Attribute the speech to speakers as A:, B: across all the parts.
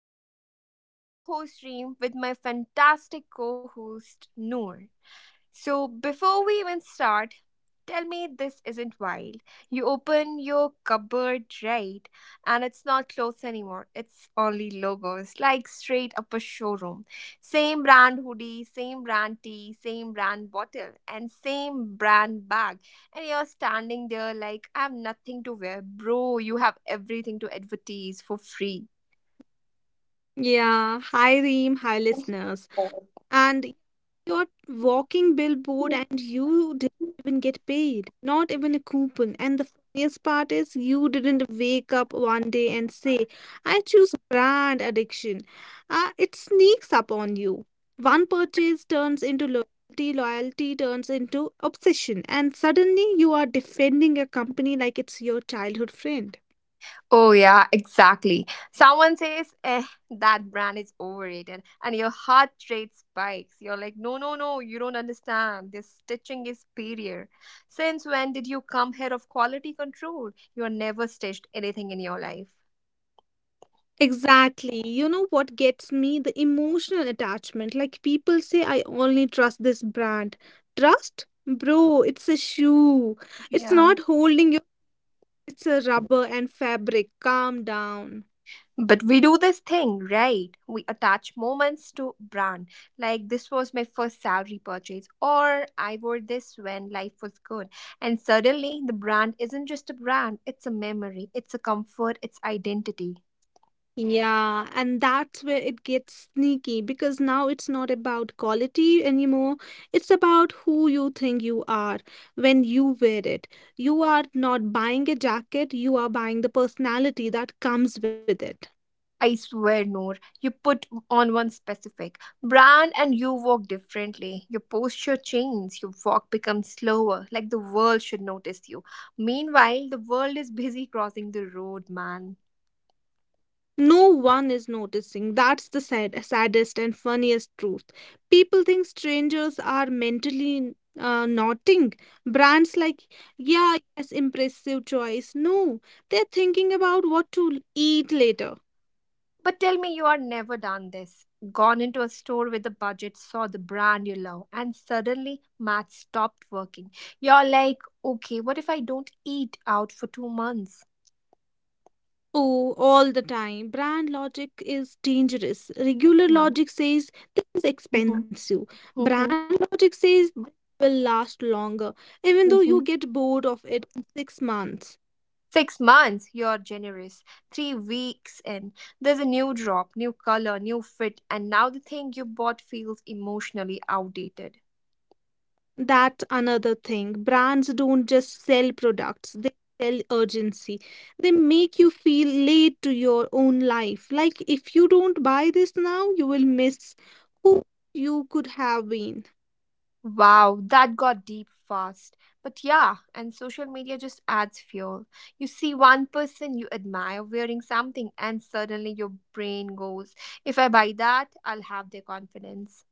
A: Talks. I'm your host Reem with my fantastic co-host Noor. So before we even start, tell me this isn't wild. You open your cupboard, right, and it's not clothes anymore. It's only logos, like straight up a showroom. Same brand hoodie, same brand tee, same brand bottle, and same brand bag and you're standing there like, "I have nothing to wear." Bro, you have everything to advertise for free.
B: Yeah, hi Reem, hi listeners. And You're walking billboard and you didn't even get paid, not even a coupon. And the funniest part is you didn't wake up one day and say, I choose brand addiction. It sneaks up on you. One purchase turns into loyalty turns into obsession, and suddenly you are defending a company like it's your childhood friend.
A: Oh, yeah, exactly. Someone says, eh, that brand is overrated. And your heart rate spikes. You're like, no, no, no, you don't understand. This stitching is superior. Since when did you come here of quality control? You're never stitched anything in your life.
B: Exactly. You know what gets me? The emotional attachment. Like people say, I only trust this brand. Trust? Bro, it's a shoe. It's
A: Yeah.
B: not holding you, it's a rubber and fabric. Calm down.
A: But we do this thing, right? We attach moments to brand. Like this was my first salary purchase, or I wore this when life was good. And suddenly, the brand isn't just a brand, it's a memory, it's a comfort, it's identity.
B: Yeah, and that's where it gets sneaky because now it's not about quality anymore. It's about who you think you are when you wear it. You are not buying a jacket, you are buying the personality that comes with it.
A: I swear, Noor, you put on one specific brand and you walk differently. Your posture changes, your walk becomes slower, like the world should notice you. Meanwhile, the world is busy crossing the road, man.
B: No one is noticing. That's the sad, saddest and funniest truth. People think strangers are mentally nodding. Brands like, yeah, yes, impressive choice. No, they're thinking about what to eat later.
A: But tell me, you are never done this. Gone into a store with a budget, saw the brand you love, and suddenly math stopped working. You're like, okay, what if I don't eat out for 2 months?
B: Oh, all the time. Brand logic is dangerous. Regular
A: Yeah.
B: logic says this is
A: Mm-hmm.
B: expensive. Brand
A: Mm-hmm.
B: logic says this will last longer, even though you
A: Mm-hmm.
B: get bored of it in 6 months.
A: 6 months, you're generous. 3 weeks in, there's a new drop, new color, new fit, and now the thing you bought feels emotionally outdated.
B: That's another thing. Brands don't just sell products, they sell urgency. They make you feel late to your own life. Like if you don't buy this now, you will miss who you could have been.
A: Wow, that got deep fast. But yeah, and social media just adds fuel. You see one person you admire wearing something, and suddenly your brain goes, if I buy that, I'll have their confidence.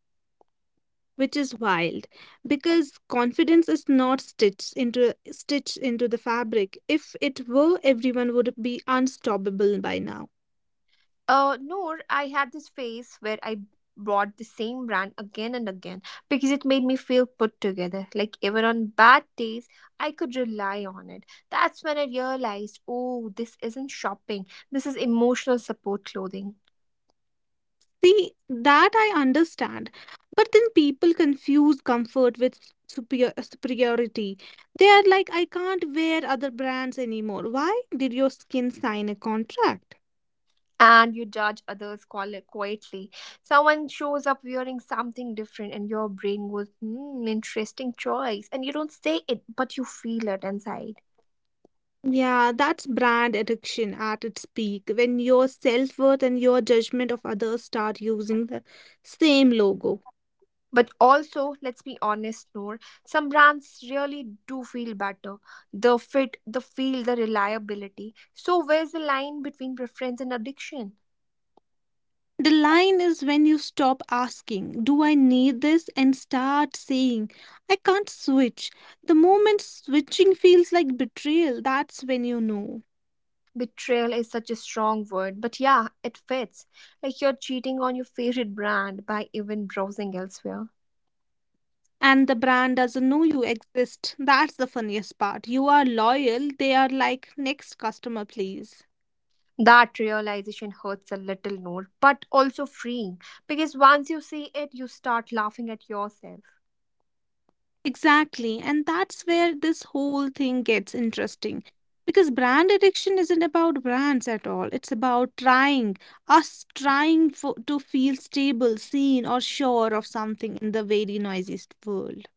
B: Which is wild because confidence is not stitched into the fabric. If it were, everyone would be unstoppable by now.
A: Noor, I had this phase where I bought the same brand again and again because it made me feel put together. Like even on bad days, I could rely on it. That's when I realized, oh, this isn't shopping. This is emotional support clothing.
B: See, that I understand. But then people confuse comfort with superiority. They are like, I can't wear other brands anymore. Why did your skin sign a contract?
A: And you judge others quietly. Someone shows up wearing something different, and your brain goes, hmm, interesting choice. And you don't say it, but you feel it inside.
B: Yeah, that's brand addiction at its peak, when your self-worth and your judgment of others start using the same logo.
A: But also, let's be honest, Noor, some brands really do feel better. The fit, the feel, the reliability. So, where's the line between preference and addiction?
B: The line is when you stop asking, do I need this? And start saying, I can't switch. The moment switching feels like betrayal, that's when you know.
A: Betrayal is such a strong word, but yeah, it fits. Like you're cheating on your favorite brand by even browsing elsewhere.
B: And the brand doesn't know you exist. That's the funniest part. You are loyal, they are like, next customer, please.
A: That realization hurts a little, Noor, but also freeing because once you see it, you start laughing at yourself.
B: Exactly. And that's where this whole thing gets interesting. Because brand addiction isn't about brands at all. It's about trying, us trying for, to feel stable, seen, or sure of something in the very noisiest world.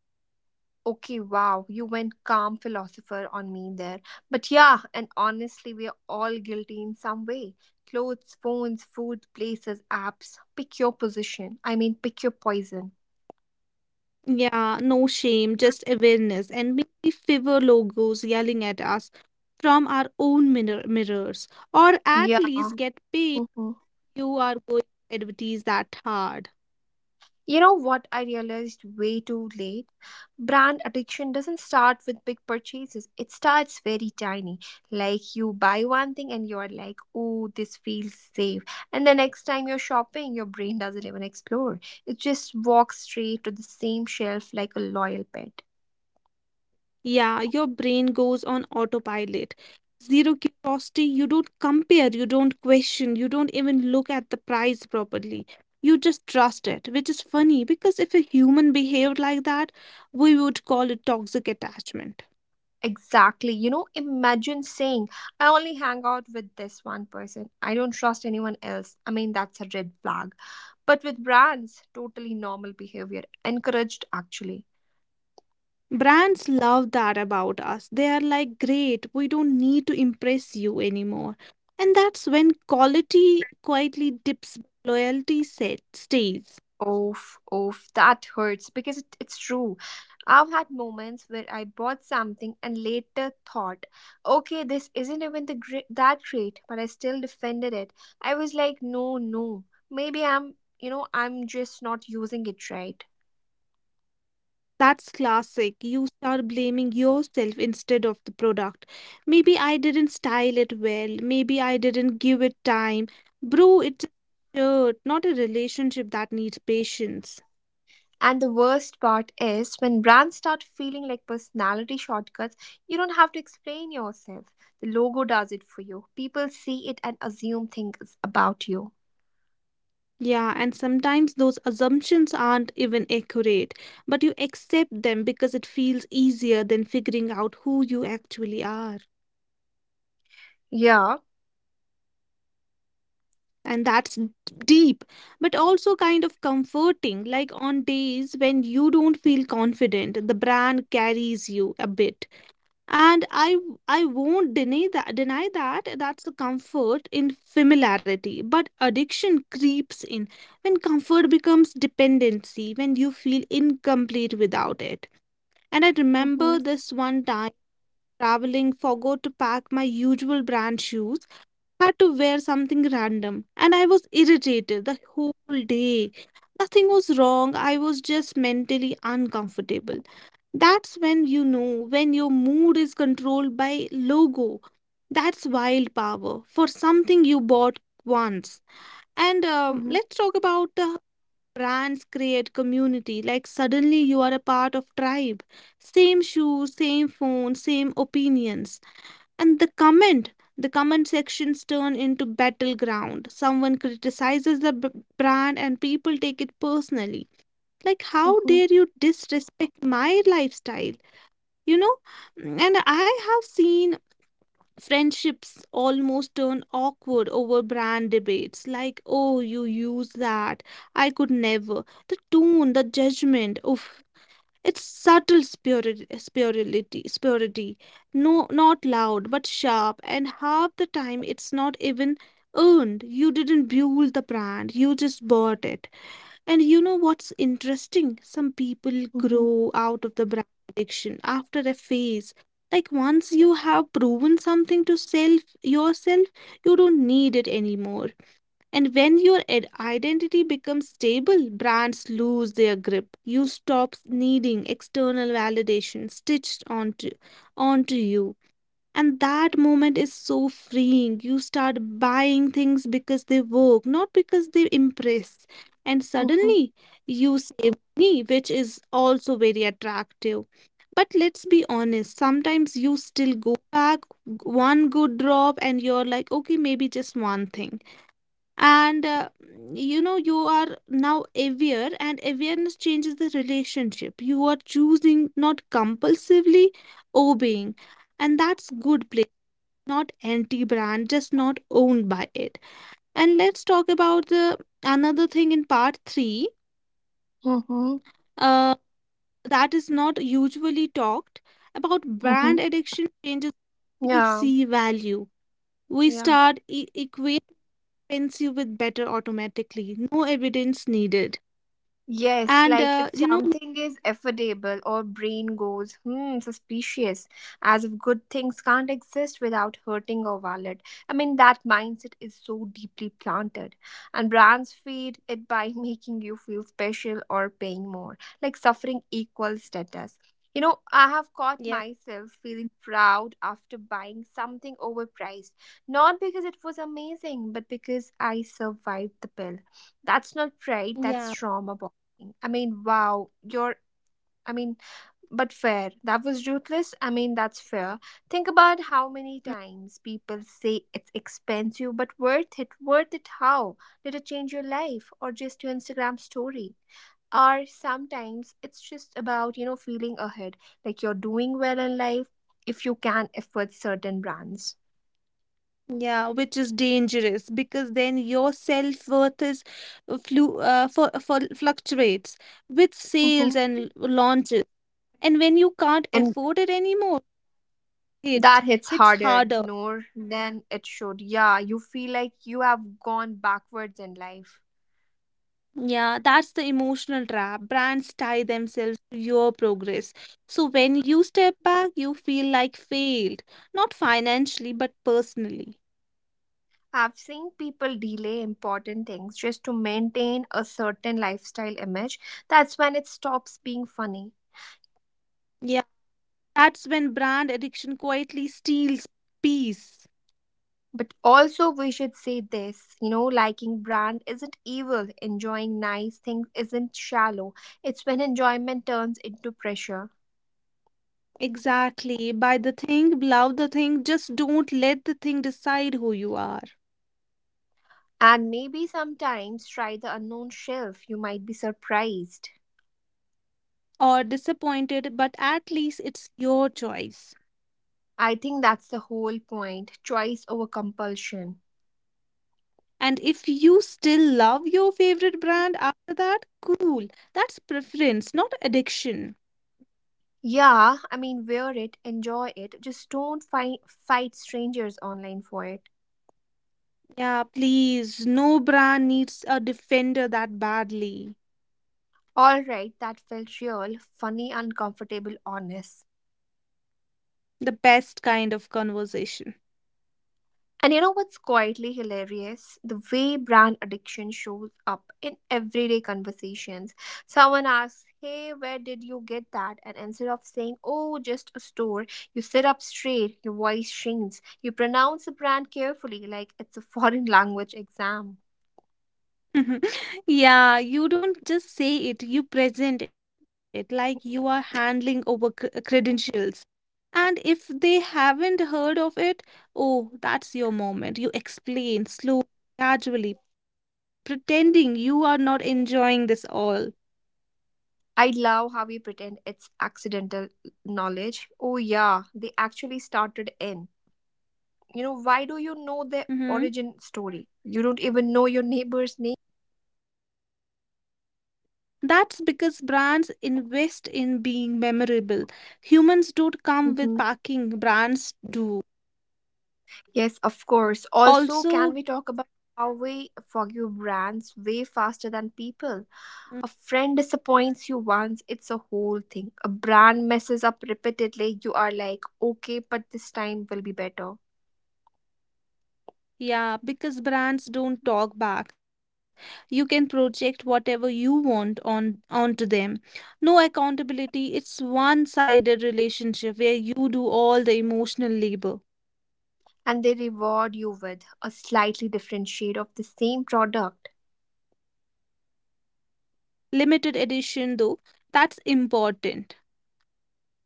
A: Okay, wow, you went calm philosopher on me there. But yeah, and honestly, we are all guilty in some way. Clothes, phones, food, places, apps. Pick your position. I mean, pick your poison.
B: Yeah, no shame, just awareness. And maybe fever logos yelling at us from our own mirrors. Or at
A: Yeah.
B: least get paid,
A: Mhm.
B: you are going to advertise that hard.
A: You know what I realized way too late? Brand addiction doesn't start with big purchases. It starts very tiny. Like you buy one thing and you're like, oh, this feels safe. And the next time you're shopping, your brain doesn't even explore. It just walks straight to the same shelf like a loyal pet.
B: Yeah, your brain goes on autopilot. Zero curiosity, you don't compare, you don't question, you don't even look at the price properly. You just trust it, which is funny because if a human behaved like that, we would call it toxic attachment.
A: Exactly. You know, imagine saying, I only hang out with this one person. I don't trust anyone else. I mean, that's a red flag. But with brands, totally normal behavior, encouraged actually.
B: Brands love that about us. They are like, great, we don't need to impress you anymore. And that's when quality quietly dips, loyalty set, stays.
A: Oof, oof, that hurts because it's true. I've had moments where I bought something and later thought, okay, this isn't even the great, that great, but I still defended it. I was like, no, no, maybe I'm just not using it right.
B: That's classic. You start blaming yourself instead of the product. Maybe I didn't style it well. Maybe I didn't give it time. Bro, it's a shirt, not a relationship that needs patience.
A: And the worst part is when brands start feeling like personality shortcuts, you don't have to explain yourself. The logo does it for you. People see it and assume things about you.
B: Yeah, and sometimes those assumptions aren't even accurate, but you accept them because it feels easier than figuring out who you actually are.
A: Yeah.
B: And that's deep, but also kind of comforting, like on days when you don't feel confident the brand carries you a bit. And I won't deny that that's the comfort in familiarity, but addiction creeps in when comfort becomes dependency, when you feel incomplete without it. And I remember
A: Mm-hmm.
B: this one time traveling, forgot to pack my usual brand shoes, had to wear something random, and I was irritated the whole day. Nothing was wrong, I was just mentally uncomfortable. That's when you know, when your mood is controlled by logo. That's wild power for something you bought once. And
A: Mm-hmm.
B: let's talk about the brands create community, like suddenly you are a part of tribe. Same shoes, same phone, same opinions. And the comment sections turn into battleground. Someone criticizes the brand and people take it personally. Like, how
A: Mm-hmm.
B: dare you disrespect my lifestyle? You know, and I have seen friendships almost turn awkward over brand debates, like, oh, you use that? I could never. The tone, the judgment. Oof, it's subtle spirituality. No, not loud but sharp, and half the time it's not even earned. You didn't build the brand, you just bought it. And you know what's interesting? Some people
A: Mm-hmm.
B: grow out of the brand addiction after a phase. Like once you have proven something to self yourself, you don't need it anymore. And when your identity becomes stable, brands lose their grip. You stop needing external validation stitched onto you. And that moment is so freeing. You start buying things because they work, not because they impress. And
A: Mm-hmm.
B: suddenly you save money, which is also very attractive. But let's be honest, sometimes you still go back, one good drop and you're like, okay, maybe just one thing. And you know, you are now aware, and awareness changes the relationship. You are choosing, not compulsively obeying, and that's good. Not anti-brand, just not owned by it. And let's talk about the another thing in part three,
A: Mm-hmm.
B: uh, that is not usually talked about.
A: Mm-hmm.
B: Brand addiction changes we
A: Yeah.
B: see value. We
A: Yeah.
B: start equate fancy with better automatically, no evidence needed,
A: Yes,
B: and
A: like if
B: you know.
A: something is affordable or brain goes, hmm, suspicious, as if good things can't exist without hurting our wallet. I mean, that mindset is so deeply planted. And brands feed it by making you feel special or paying more, like suffering equals status. You know, I have caught myself feeling proud after buying something overpriced, not because it was amazing, but because I survived the bill. That's not pride, that's
B: Yeah.
A: trauma. I mean, wow, you're, I mean, but fair. That was ruthless. I mean, that's fair. Think about how many
B: Mm,
A: times people say it's expensive but worth it. Worth it how? Did it change your life or just your Instagram story? Or sometimes it's just about, you know, feeling ahead, like you're doing well in life if you can afford certain brands.
B: yeah, which is dangerous because then your self-worth is flu for fluctuates with sales
A: Hmm.
B: and launches. And when you can't
A: And
B: afford it anymore, it
A: that hits
B: hits
A: harder,
B: harder.
A: Noor, than it should. Yeah, you feel like you have gone backwards in life.
B: Yeah, that's the emotional trap, brands tie themselves to your progress, so when you step back you feel like failed, not financially but personally.
A: I've seen people delay important things just to maintain a certain lifestyle image. That's when it stops being funny.
B: Yeah, that's when brand addiction quietly steals peace.
A: But also, we should say this, you know, liking brand isn't evil, enjoying nice things isn't shallow. It's when enjoyment turns into pressure.
B: Exactly, buy the thing, love the thing, just don't let the thing decide who you are.
A: And maybe sometimes try the unknown shelf, you might be surprised.
B: Or disappointed, but at least it's your choice.
A: I think that's the whole point, choice over compulsion.
B: And if you still love your favorite brand after that, cool. That's preference, not addiction.
A: Yeah, I mean, wear it, enjoy it, just don't fight strangers online for it.
B: Yeah, please. No brand needs a defender that badly.
A: Alright, that felt real, funny, uncomfortable, honest.
B: The best kind of conversation.
A: And you know what's quietly hilarious? The way brand addiction shows up in everyday conversations. Someone asks, "Hey, where did you get that?" And instead of saying, "Oh, just a store," you sit up straight, your voice shrinks, you pronounce the brand carefully like it's a foreign language exam.
B: Yeah, you don't just say it, you present it like you are handling over credentials. And if they haven't heard of it, oh, that's your moment. You explain slowly, gradually, pretending you are not enjoying this all.
A: I love how we pretend it's accidental knowledge. Oh, yeah, they actually started in. You know, why do you know their origin
B: Mhm.
A: story? You don't even know your neighbor's name.
B: That's because brands invest in being memorable. Humans don't come with
A: Mm-hmm.
B: packing, brands do.
A: Yes, of course. Also, can
B: Also,
A: we talk about how we forgive brands way faster than people?
B: mm,
A: A friend disappoints you once, it's a whole thing. A brand messes up repeatedly, you are like, okay, but this time will be better,
B: yeah, because brands don't talk back. You can project whatever you want on onto them. No accountability. It's one-sided relationship where you do all the emotional labor.
A: and they reward you with a slightly different shade of the same product.
B: Limited edition though, that's important.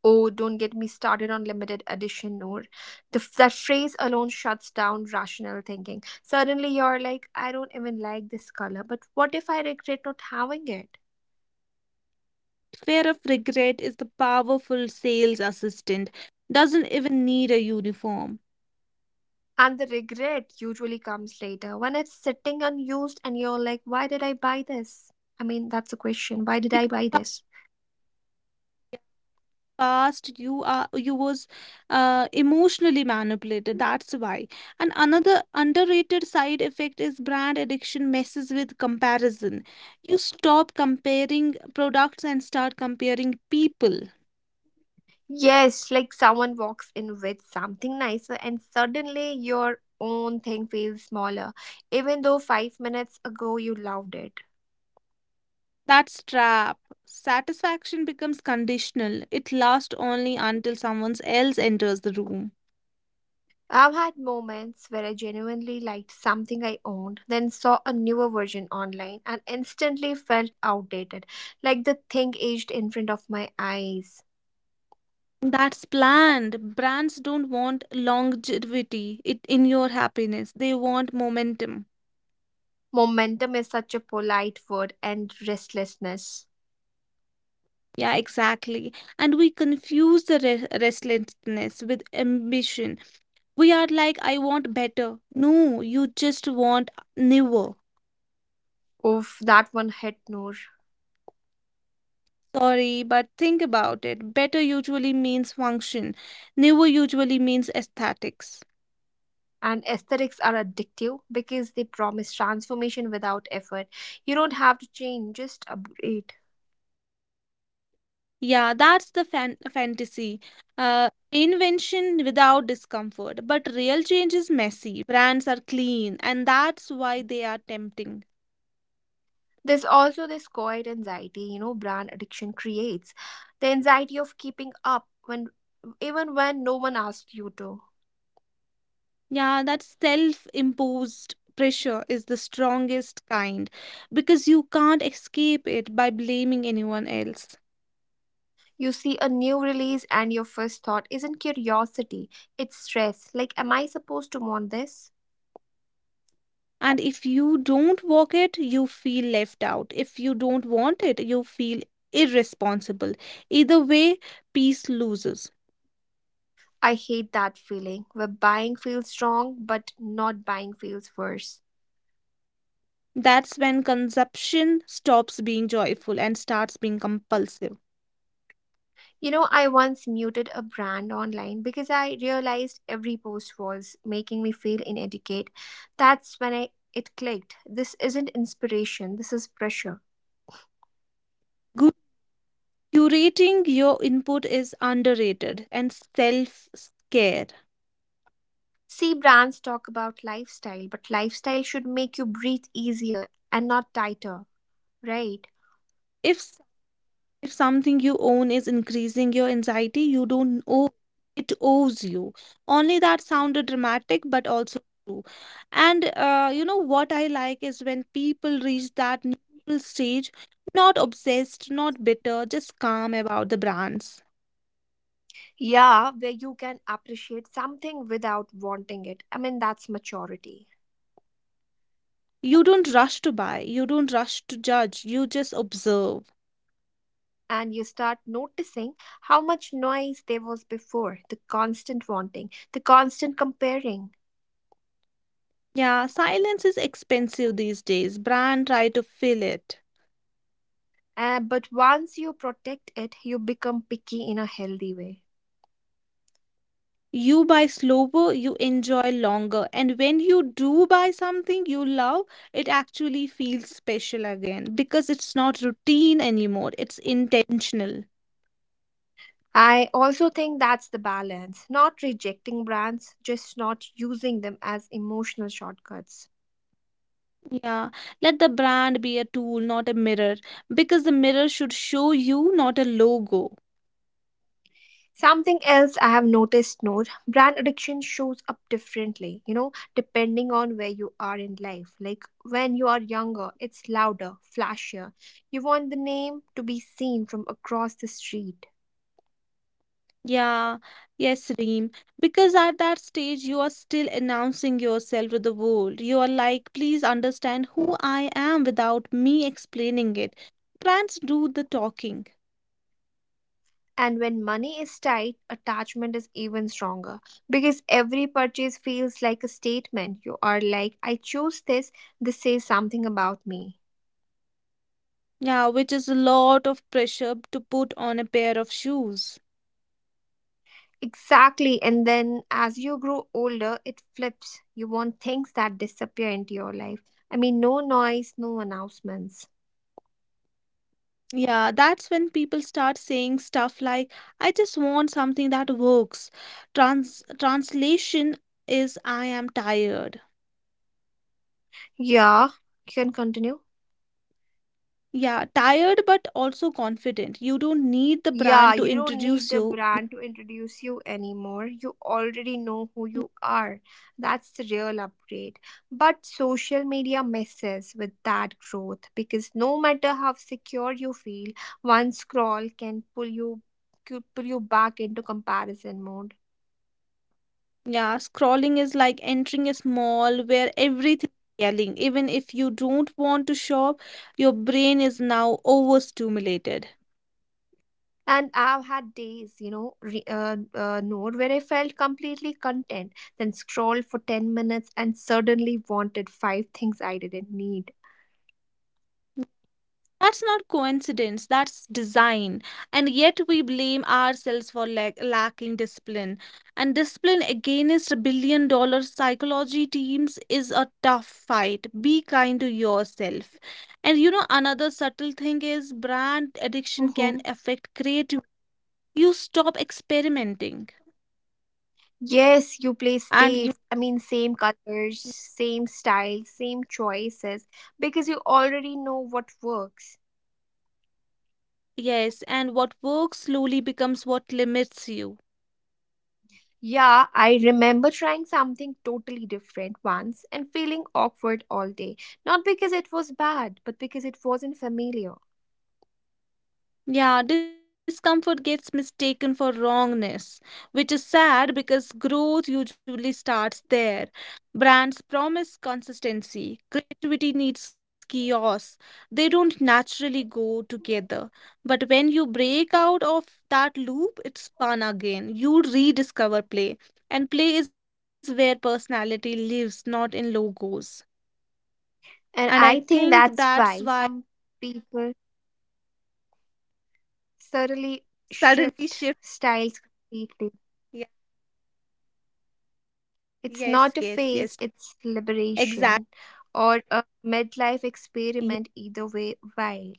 A: Oh, don't get me started on limited edition, Noor. That phrase alone shuts down rational thinking. Suddenly, you're like, I don't even like this color, but what if I regret not having it?
B: Fear of regret is the powerful sales assistant. Doesn't even need a uniform
A: And the regret usually comes later when it's sitting unused and you're like, why did I buy this? I mean, that's a question. Why did I
B: because
A: buy this?
B: past you are you was emotionally manipulated. That's why. And another underrated side effect is brand addiction messes with comparison. You stop comparing products and start comparing people.
A: Yes, like someone walks in with something nicer, and suddenly your own thing feels smaller, even though 5 minutes ago you loved it.
B: That's trap. Satisfaction becomes conditional. It lasts only until someone else enters the room.
A: I've had moments where I genuinely liked something I owned, then saw a newer version online and instantly felt outdated, like the thing aged in front of my eyes.
B: That's planned. Brands don't want longevity it, in your happiness. They want momentum.
A: Momentum is such a polite word, and restlessness.
B: Yeah, exactly. And we confuse the restlessness with ambition. We are like, I want better. No, you just want newer.
A: Oof, that one hit Noor.
B: Sorry, but think about it. Better usually means function, newer usually means aesthetics.
A: And aesthetics are addictive because they promise transformation without effort. You don't have to change, just upgrade.
B: Yeah, that's the fantasy. Invention without discomfort. But real change is messy. Brands are clean, and that's why they are tempting.
A: There's also this quiet anxiety, you know, brand addiction creates, the anxiety of keeping up when, even when no one asks you to.
B: Yeah, that self imposed pressure is the strongest kind because you can't escape it by blaming anyone else.
A: You see a new release and your first thought isn't curiosity, it's stress, like am I supposed to want this?
B: And if you don't walk it, you feel left out. If you don't want it, you feel irresponsible. Either way, peace loses.
A: I hate that feeling where buying feels wrong but not buying feels worse.
B: That's when consumption stops being joyful and starts being compulsive.
A: You know, I once muted a brand online because I realized every post was making me feel inadequate. That's when I it clicked. This isn't inspiration, this is pressure.
B: Good, curating your input is underrated and self care.
A: See, brands talk about lifestyle, but lifestyle should make you breathe easier and not tighter, right?
B: If, if something you own is increasing your anxiety, you don't owe it, owes you. Only that sounded dramatic, but also true. And you know what I like is when people reach that neutral stage, not obsessed, not bitter, just calm about the brands.
A: Yeah, where you can appreciate something without wanting it. I mean, that's maturity.
B: You don't rush to buy, you don't rush to judge, you just observe.
A: And you start noticing how much noise there was before, the constant wanting, the constant comparing.
B: Yeah, silence is expensive these days. Brand try to fill it.
A: But once you protect it, you become picky in a healthy way.
B: You buy slower, you enjoy longer, and when you do buy something you love, it actually feels special again because it's not routine anymore, it's intentional.
A: I also think that's the balance, not rejecting brands, just not using them as emotional shortcuts.
B: Yeah, let the brand be a tool, not a mirror, because the mirror should show you, not a logo.
A: Something else I have noticed, Noor, brand addiction shows up differently, you know, depending on where you are in life. Like when you are younger, it's louder, flashier. You want the name to be seen from across the street.
B: Yeah, yes, Reem. Because at that stage, you are still announcing yourself to the world. You are like, please understand who I am without me explaining it. Brands do the talking.
A: And when money is tight, attachment is even stronger because every purchase feels like a statement. You are like, I chose this, this says something about me.
B: Yeah, which is a lot of pressure to put on a pair of shoes.
A: Exactly. And then as you grow older, it flips. You want things that disappear into your life. I mean, no noise, no announcements.
B: Yeah, that's when people start saying stuff like, I just want something that works. Translation is, I am tired.
A: Yeah, you can continue.
B: Yeah, tired but also confident. You don't need the
A: Yeah,
B: brand to
A: you don't need
B: introduce
A: the
B: you.
A: brand to introduce you anymore. You already know who you are. That's the real upgrade. But social media messes with that growth because no matter how secure you feel, one scroll can pull you could pull you back into comparison mode.
B: Yeah, scrolling is like entering a mall where everything is yelling. Even if you don't want to shop, your brain is now overstimulated.
A: And I've had days, you know, re- node where I felt completely content, then scrolled for 10 minutes and suddenly wanted five things I didn't need.
B: That's not coincidence, that's design. And yet we blame ourselves for lacking discipline. And discipline against a $1 billion psychology teams is a tough fight. Be kind to yourself. And you know, another subtle thing is brand addiction can
A: Mm-hmm.
B: affect creativity. You stop experimenting
A: Yes, you play
B: and you
A: safe. I mean, same colors, same style, same choices, because you already know what works.
B: yes, and what works slowly becomes what limits you.
A: Yeah, I remember trying something totally different once and feeling awkward all day. Not because it was bad, but because it wasn't familiar.
B: Yeah, discomfort gets mistaken for wrongness, which is sad because growth usually starts there. Brands promise consistency, creativity needs chaos. They don't naturally go together. But when you break out of that loop, it's fun again. You rediscover play, and play is where personality lives, not in logos. And I
A: And I
B: think
A: think that's
B: that's why
A: why some people thoroughly
B: suddenly
A: shift
B: shift.
A: styles completely.
B: Yeah, yes, yes,
A: It's
B: yes,
A: not a phase, it's
B: exactly.
A: liberation or a midlife
B: Yeah,
A: experiment, either way, wild.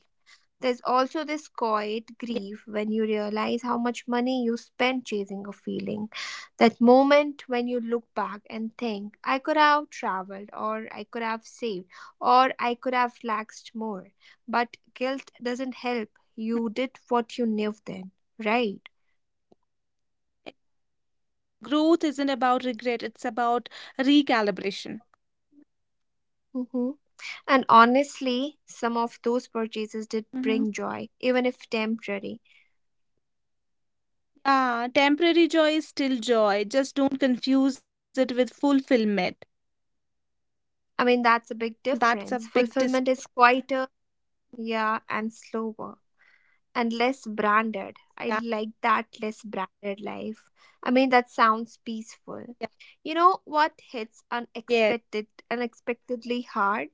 A: There's also this quiet
B: yeah.
A: grief when you realize how much money you spent chasing a feeling. That moment when you look back and think, I could have traveled, or I could have saved, or I could have relaxed more. But guilt doesn't help. You did what you knew then, right?
B: Growth isn't about regret, it's about recalibration.
A: Mm-hmm. And honestly, some of those purchases did
B: Hmm.
A: bring joy, even if temporary.
B: Yeah, temporary joy is still joy. Just don't confuse it with fulfillment.
A: I mean, that's a big
B: That's a
A: difference.
B: big dis.
A: Fulfillment is quieter, yeah, and slower, and less branded. I
B: Yeah,
A: like that less branded life. I mean, that sounds peaceful.
B: yeah,
A: You know what hits
B: yes.
A: unexpected, unexpectedly hard?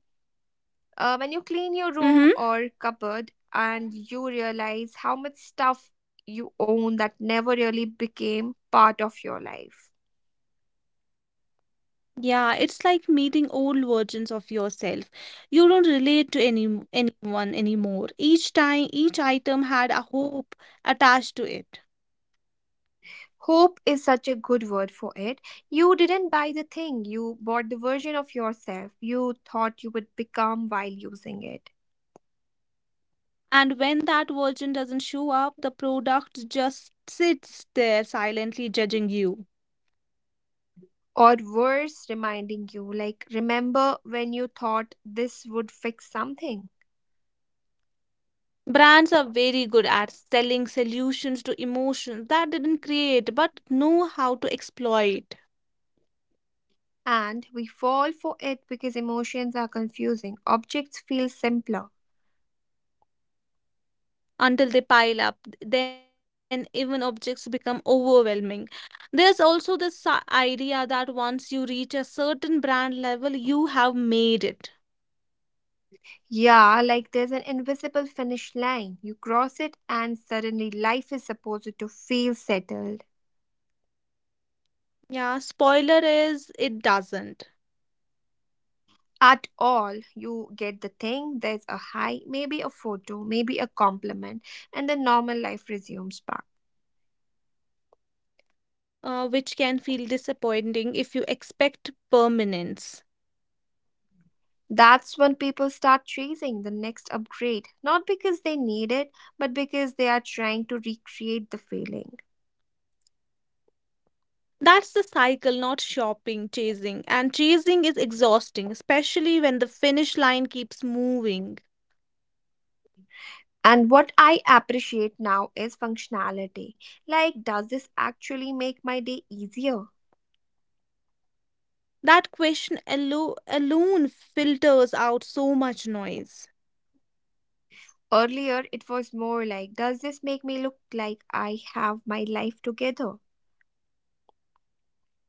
A: When you clean your room
B: Mm-hmm.
A: or cupboard and you realize how much stuff you own that never really became part of your life.
B: Yeah, it's like meeting old versions of yourself. You don't relate to anyone anymore. Each time, each item had a hope attached to it.
A: Hope is such a good word for it. You didn't buy the thing, you bought the version of yourself you thought you would become while using it.
B: And when that version doesn't show up, the product just sits there silently judging you.
A: Or worse, reminding you, like, remember when you thought this would fix something.
B: Brands are very good at selling solutions to emotions that didn't create but know how to exploit
A: And we fall for it because emotions are confusing. Objects feel simpler.
B: until they pile up. Then even objects become overwhelming. There's also this idea that once you reach a certain brand level, you have made it.
A: Yeah, like there's an invisible finish line. You cross it, and suddenly life is supposed to feel settled.
B: Yeah, spoiler is it doesn't,
A: At all. You get the thing, there's a hi, maybe a photo, maybe a compliment, and then normal life resumes back.
B: which can feel disappointing if you expect permanence.
A: That's when people start chasing the next upgrade, not because they need it, but because they are trying to recreate the feeling.
B: That's the cycle, not shopping, chasing. And chasing is exhausting, especially when the finish line keeps moving.
A: And what I appreciate now is functionality. Like, does this actually make my day easier?
B: That question alone filters out so much noise.
A: Earlier, it was more like, does this make me look like I have my life together?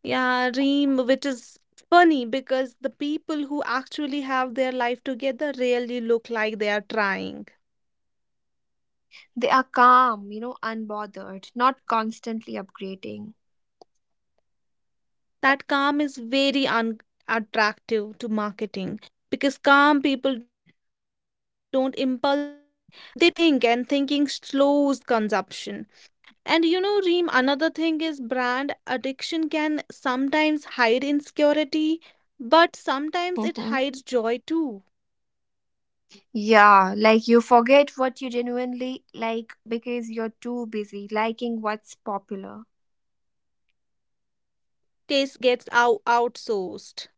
B: Yeah, Reem, which is funny because the people who actually have their life together really look like they are trying.
A: They are calm, you know, unbothered, not constantly upgrading.
B: That calm is very unattractive to marketing because calm people don't impulse buy. They think, and thinking slows consumption. And you know, Reem, another thing is brand addiction can sometimes hide insecurity, but sometimes it
A: Mm-hmm.
B: hides joy too.
A: Yeah, like you forget what you genuinely like because you're too busy liking what's popular.
B: Taste gets outsourced.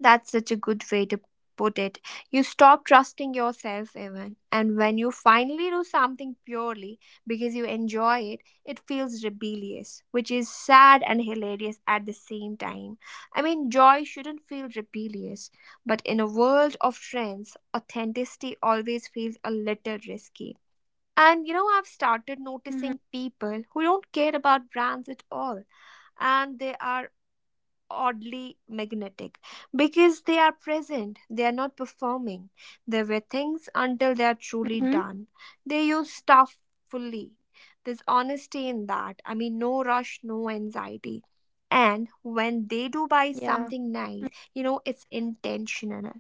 A: That's such a good way to put it. You stop trusting yourself, even. And when you finally do something purely because you enjoy it, it feels rebellious, which is sad and hilarious at the same time. I mean, joy shouldn't feel rebellious, but in a world of trends, authenticity always feels a little risky. And you know, I've started noticing
B: Mm-hmm.
A: people who don't care about brands at all, and they are oddly magnetic because they are present, they are not performing. They wear things until they are truly
B: Mm-hmm.
A: done, they use stuff fully. There's honesty in that. I mean, no rush, no anxiety. And when they do buy something
B: Yeah.
A: nice, you know, it's intentional,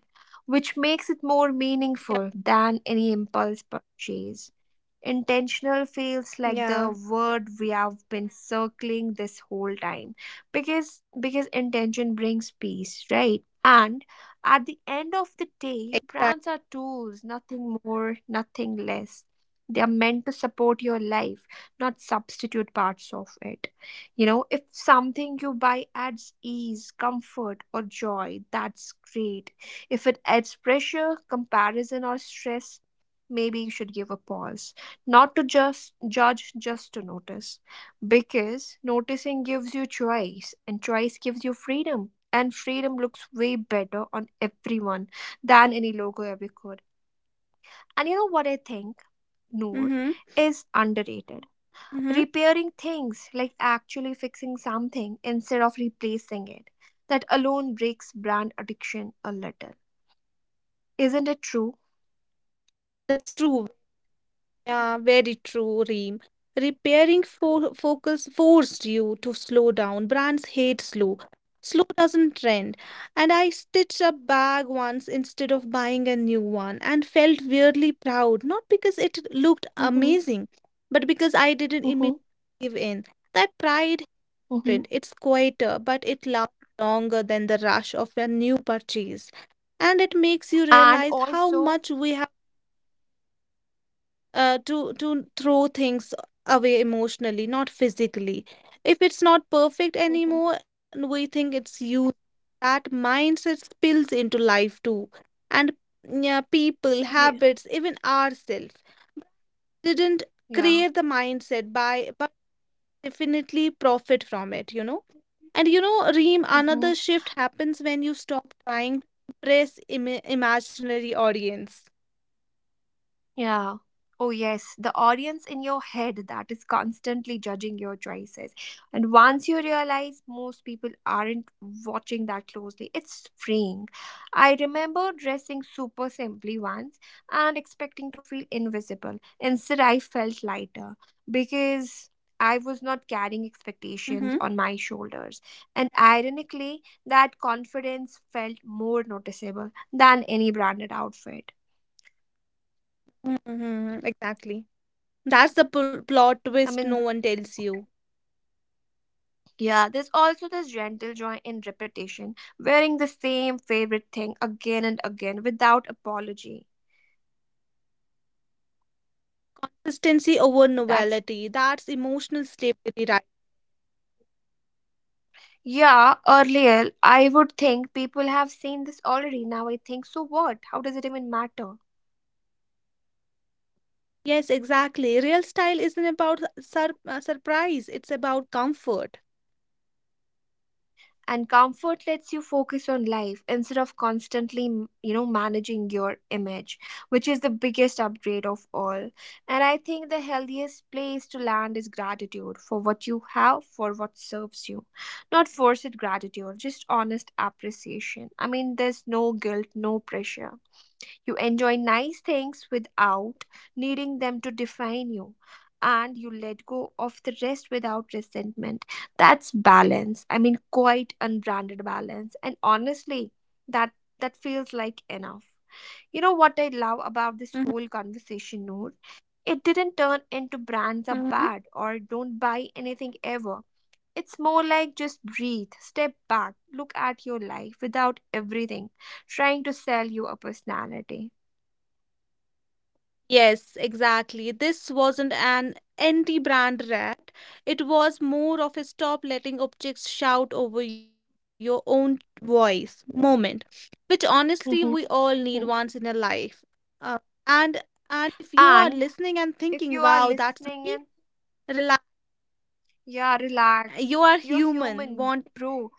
A: which makes it more meaningful
B: Yeah.
A: than any impulse purchase. Intentional feels like the
B: Yeah.
A: word we have been circling this whole time, because intention brings peace, right? And at the end of the day, brands are
B: Exactly.
A: tools, nothing more, nothing less. They are meant to support your life, not substitute parts of it. You know, if something you buy adds ease, comfort or joy, that's great. If it adds pressure, comparison or stress, maybe you should give a pause, not to just judge, just to notice. Because noticing gives you choice, and choice gives you freedom. And freedom looks way better on everyone than any logo ever could. And you know what I think, Noor,
B: Mm-hmm.
A: is underrated.
B: Mm-hmm.
A: Repairing things, like actually fixing something instead of replacing it, that alone breaks brand addiction a little. Isn't it true?
B: Yeah, that's true. Yeah, very true, Reem. Repairing for focus forced you to slow down. Brands hate slow. Slow doesn't trend. And I stitched a bag once instead of buying a new one and felt weirdly proud, not because it looked
A: Mm-hmm.
B: amazing, but because I didn't immediately
A: Mm-hmm.
B: give in. That pride,
A: Mm-hmm.
B: hidden, it's quieter, but it lasts longer than the rush of a new purchase, and it makes you
A: And
B: realize how
A: also,
B: much we have to throw things away emotionally, not physically. If it's not perfect
A: mhm.
B: anymore, and we think it's you. That mindset spills into life too, and yeah, people,
A: Yeah,
B: habits, even ourselves didn't
A: yeah.
B: create the mindset by, but definitely profit from it. You know, and you know, Reem,
A: Mhm.
B: another shift happens when you stop trying to impress imaginary audience.
A: Yeah. Oh, yes, the audience in your head that is constantly judging your choices. And once you realize most people aren't watching that closely, it's freeing. I remember dressing super simply once and expecting to feel invisible. Instead, I felt lighter because I was not carrying
B: Mm-hmm.
A: expectations on my shoulders. And ironically, that confidence felt more noticeable than any branded outfit.
B: Mm-hmm. Exactly. That's the plot
A: I
B: twist no
A: mean,
B: one tells you.
A: yeah, there's also this gentle joy in repetition, wearing the same favorite thing again and again without apology.
B: Consistency over
A: That's,
B: novelty. That's emotional stability, right?
A: yeah, earlier I would think people have seen this already. Now I think, so what? How does it even matter?
B: Yes, exactly. Real style isn't about surprise, it's about comfort.
A: And comfort lets you focus on life instead of constantly you know, managing your image, which is the biggest upgrade of all. And I think the healthiest place to land is gratitude for what you have, for what serves you, not forced gratitude, just honest appreciation. I mean, there's no guilt, no pressure. You enjoy nice things without needing them to define you. And you let go of the rest without resentment. That's balance. I mean, quite unbranded balance. And honestly, that that feels like enough. You know what I love about this
B: Mhm,
A: whole conversation, Noor? It didn't turn into brands are
B: mhm.
A: bad or don't buy anything ever. It's more like just breathe, step back, look at your life without everything trying to sell you a personality.
B: Yes, exactly. This wasn't an anti-brand rat. It was more of a stop letting objects shout over your own voice moment, which honestly
A: Mhm.
B: we all need
A: Mhm.
B: once in a life. Uh, and and if you are
A: And
B: listening and
A: if you
B: thinking,
A: are
B: "Wow, that's
A: listening
B: me,"
A: in,
B: relax.
A: yeah,
B: You
A: relax.
B: are
A: You're
B: human,
A: human,
B: want,
A: bro.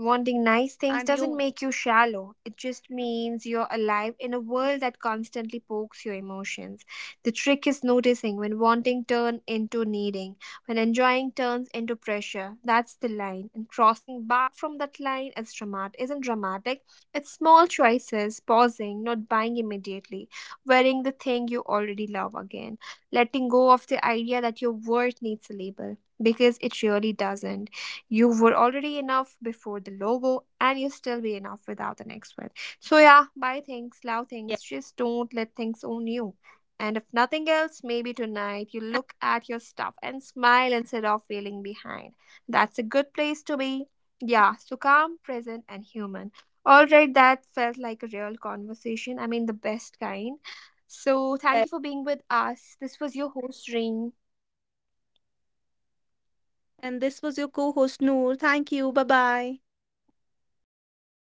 A: Wanting nice things
B: and
A: doesn't
B: you,
A: make you shallow. It just means you're alive in a world that constantly pokes your emotions. The trick is noticing when wanting turns into needing, when enjoying turns into pressure. That's the line. And crossing back from that line is isn't dramatic. It's small choices, pausing, not buying immediately, wearing the thing you already love again, letting go of the idea that your worth needs a label, because it really doesn't. You were already enough before the logo, and you still be enough without the next one. So yeah, buy things, love things,
B: yes.
A: just don't let things own you. And if nothing else, maybe tonight you look at your stuff and smile instead of feeling behind. That's a good place to be. Yeah, so calm, present and human. All right, that felt like a real conversation. I mean, the best kind. So thank you for being with us. This was your host, Reen.
B: And this was your co-host Noor. Thank you. Bye bye.